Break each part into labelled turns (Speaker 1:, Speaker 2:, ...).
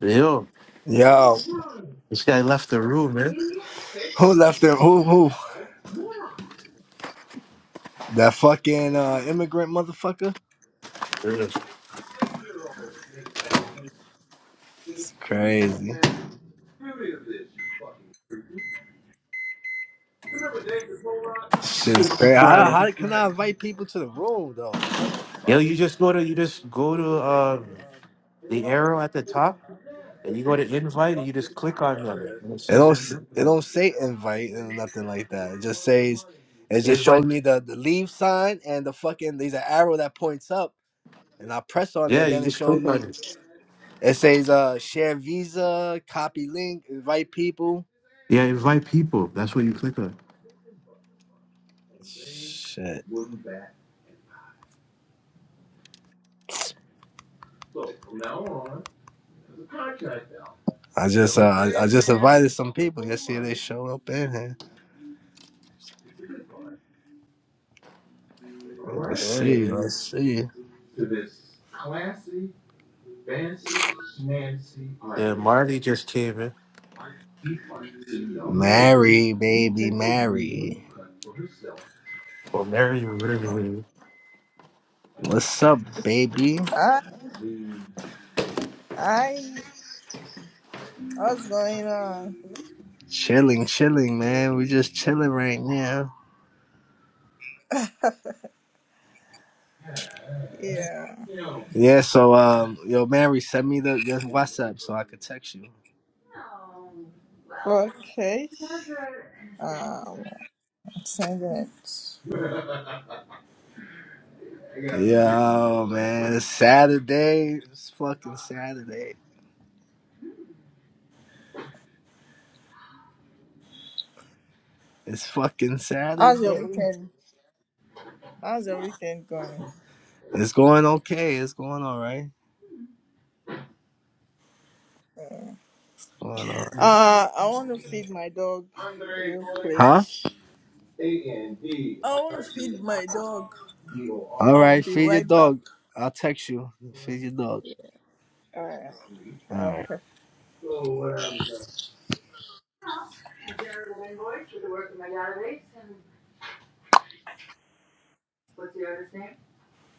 Speaker 1: Yo,
Speaker 2: Yo,
Speaker 1: this guy left the room, man.
Speaker 2: who left him? Who, who? That fucking uh, immigrant motherfucker?
Speaker 1: Yeah.
Speaker 2: It's crazy. Shit's crazy. How,
Speaker 1: Fine.
Speaker 2: how can I invite people to the room though, man? What the
Speaker 1: Yo,
Speaker 2: fuck?
Speaker 1: you just go to you just go to uh, the arrow at the top, and you go to invite, and you just click on them, and it
Speaker 2: It
Speaker 1: says
Speaker 2: don't s-
Speaker 1: them.
Speaker 2: it don't say invite and nothing like that. It just says it just
Speaker 1: It's
Speaker 2: showed
Speaker 1: like
Speaker 2: me the the leave sign and the fucking there's an arrow that points up and I press on it
Speaker 1: yeah,
Speaker 2: and
Speaker 1: you
Speaker 2: then it
Speaker 1: just
Speaker 2: showed
Speaker 1: click on
Speaker 2: me
Speaker 1: it.
Speaker 2: it says uh share visa, copy link, invite people.
Speaker 1: Yeah, invite people. That's what you click on.
Speaker 2: Shit. I just uh I, I just invited some people. Let's see if they show up in here. Let's
Speaker 1: Yeah,
Speaker 2: see. Let's
Speaker 1: you-
Speaker 2: see.
Speaker 1: yeah. Marty just came in,
Speaker 2: Mary, baby, Mary.
Speaker 1: or Mary, or whatever. It is.
Speaker 2: What's up, baby?
Speaker 3: I, I, what's going on?
Speaker 2: Chilling, chilling, man. We just chilling right now.
Speaker 3: Yeah.
Speaker 2: Yeah. So, um, yo, Mary, send me the your WhatsApp so I could text you.
Speaker 3: Okay. Um, sending it.
Speaker 2: Yo, man, it's Saturday. It's fucking Saturday. It's fucking
Speaker 3: How's your
Speaker 2: Saturday.
Speaker 3: weekend? How's your weekend going?
Speaker 2: It's going okay. It's going all right. It's going all right.
Speaker 3: Uh, I want to feed my dog real quick.
Speaker 2: Huh?
Speaker 3: I want to feed my dog.
Speaker 2: All
Speaker 3: I'll
Speaker 2: right.
Speaker 3: be
Speaker 2: Feed your
Speaker 3: right back.
Speaker 2: dog. I'll text you. Feed your dog.
Speaker 3: Yeah, Alright.
Speaker 2: All
Speaker 3: Okay.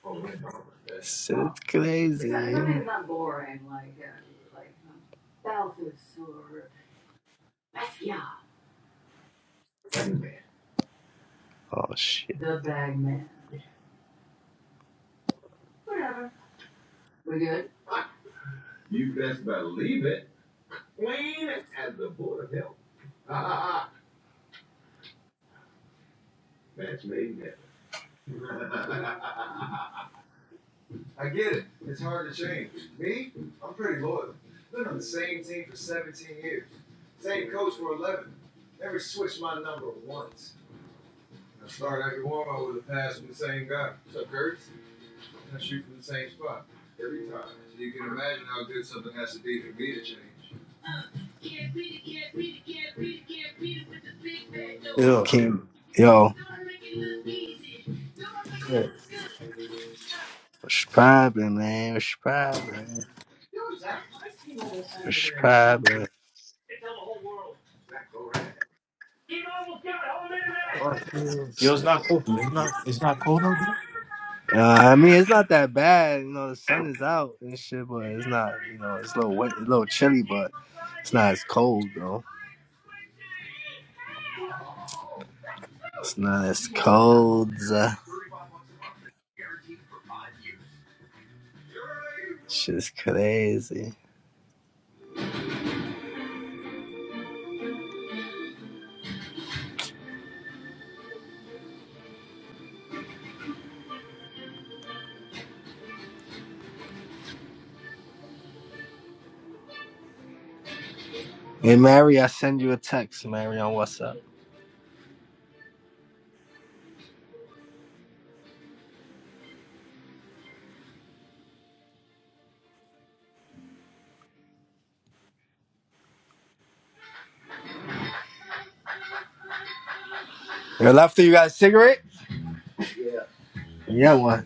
Speaker 2: right. Shit's crazy. Oh shit.
Speaker 1: Yo,
Speaker 2: King yo,
Speaker 1: yeah.
Speaker 2: what's poppin', man? What's poppin'? What's poppin'?
Speaker 1: Yo, it's not cold. It's not. It's not cold out
Speaker 2: Uh, I mean, it's not that bad, you know. The sun is out and shit, but it's not, you know, it's a little wet, a little chilly, but it's not as cold though. It's not as cold. Uh, shit's crazy. Hey, Mary, I send you a text, Mary, on WhatsApp. Yo, left you got a cigarette? Yeah, one.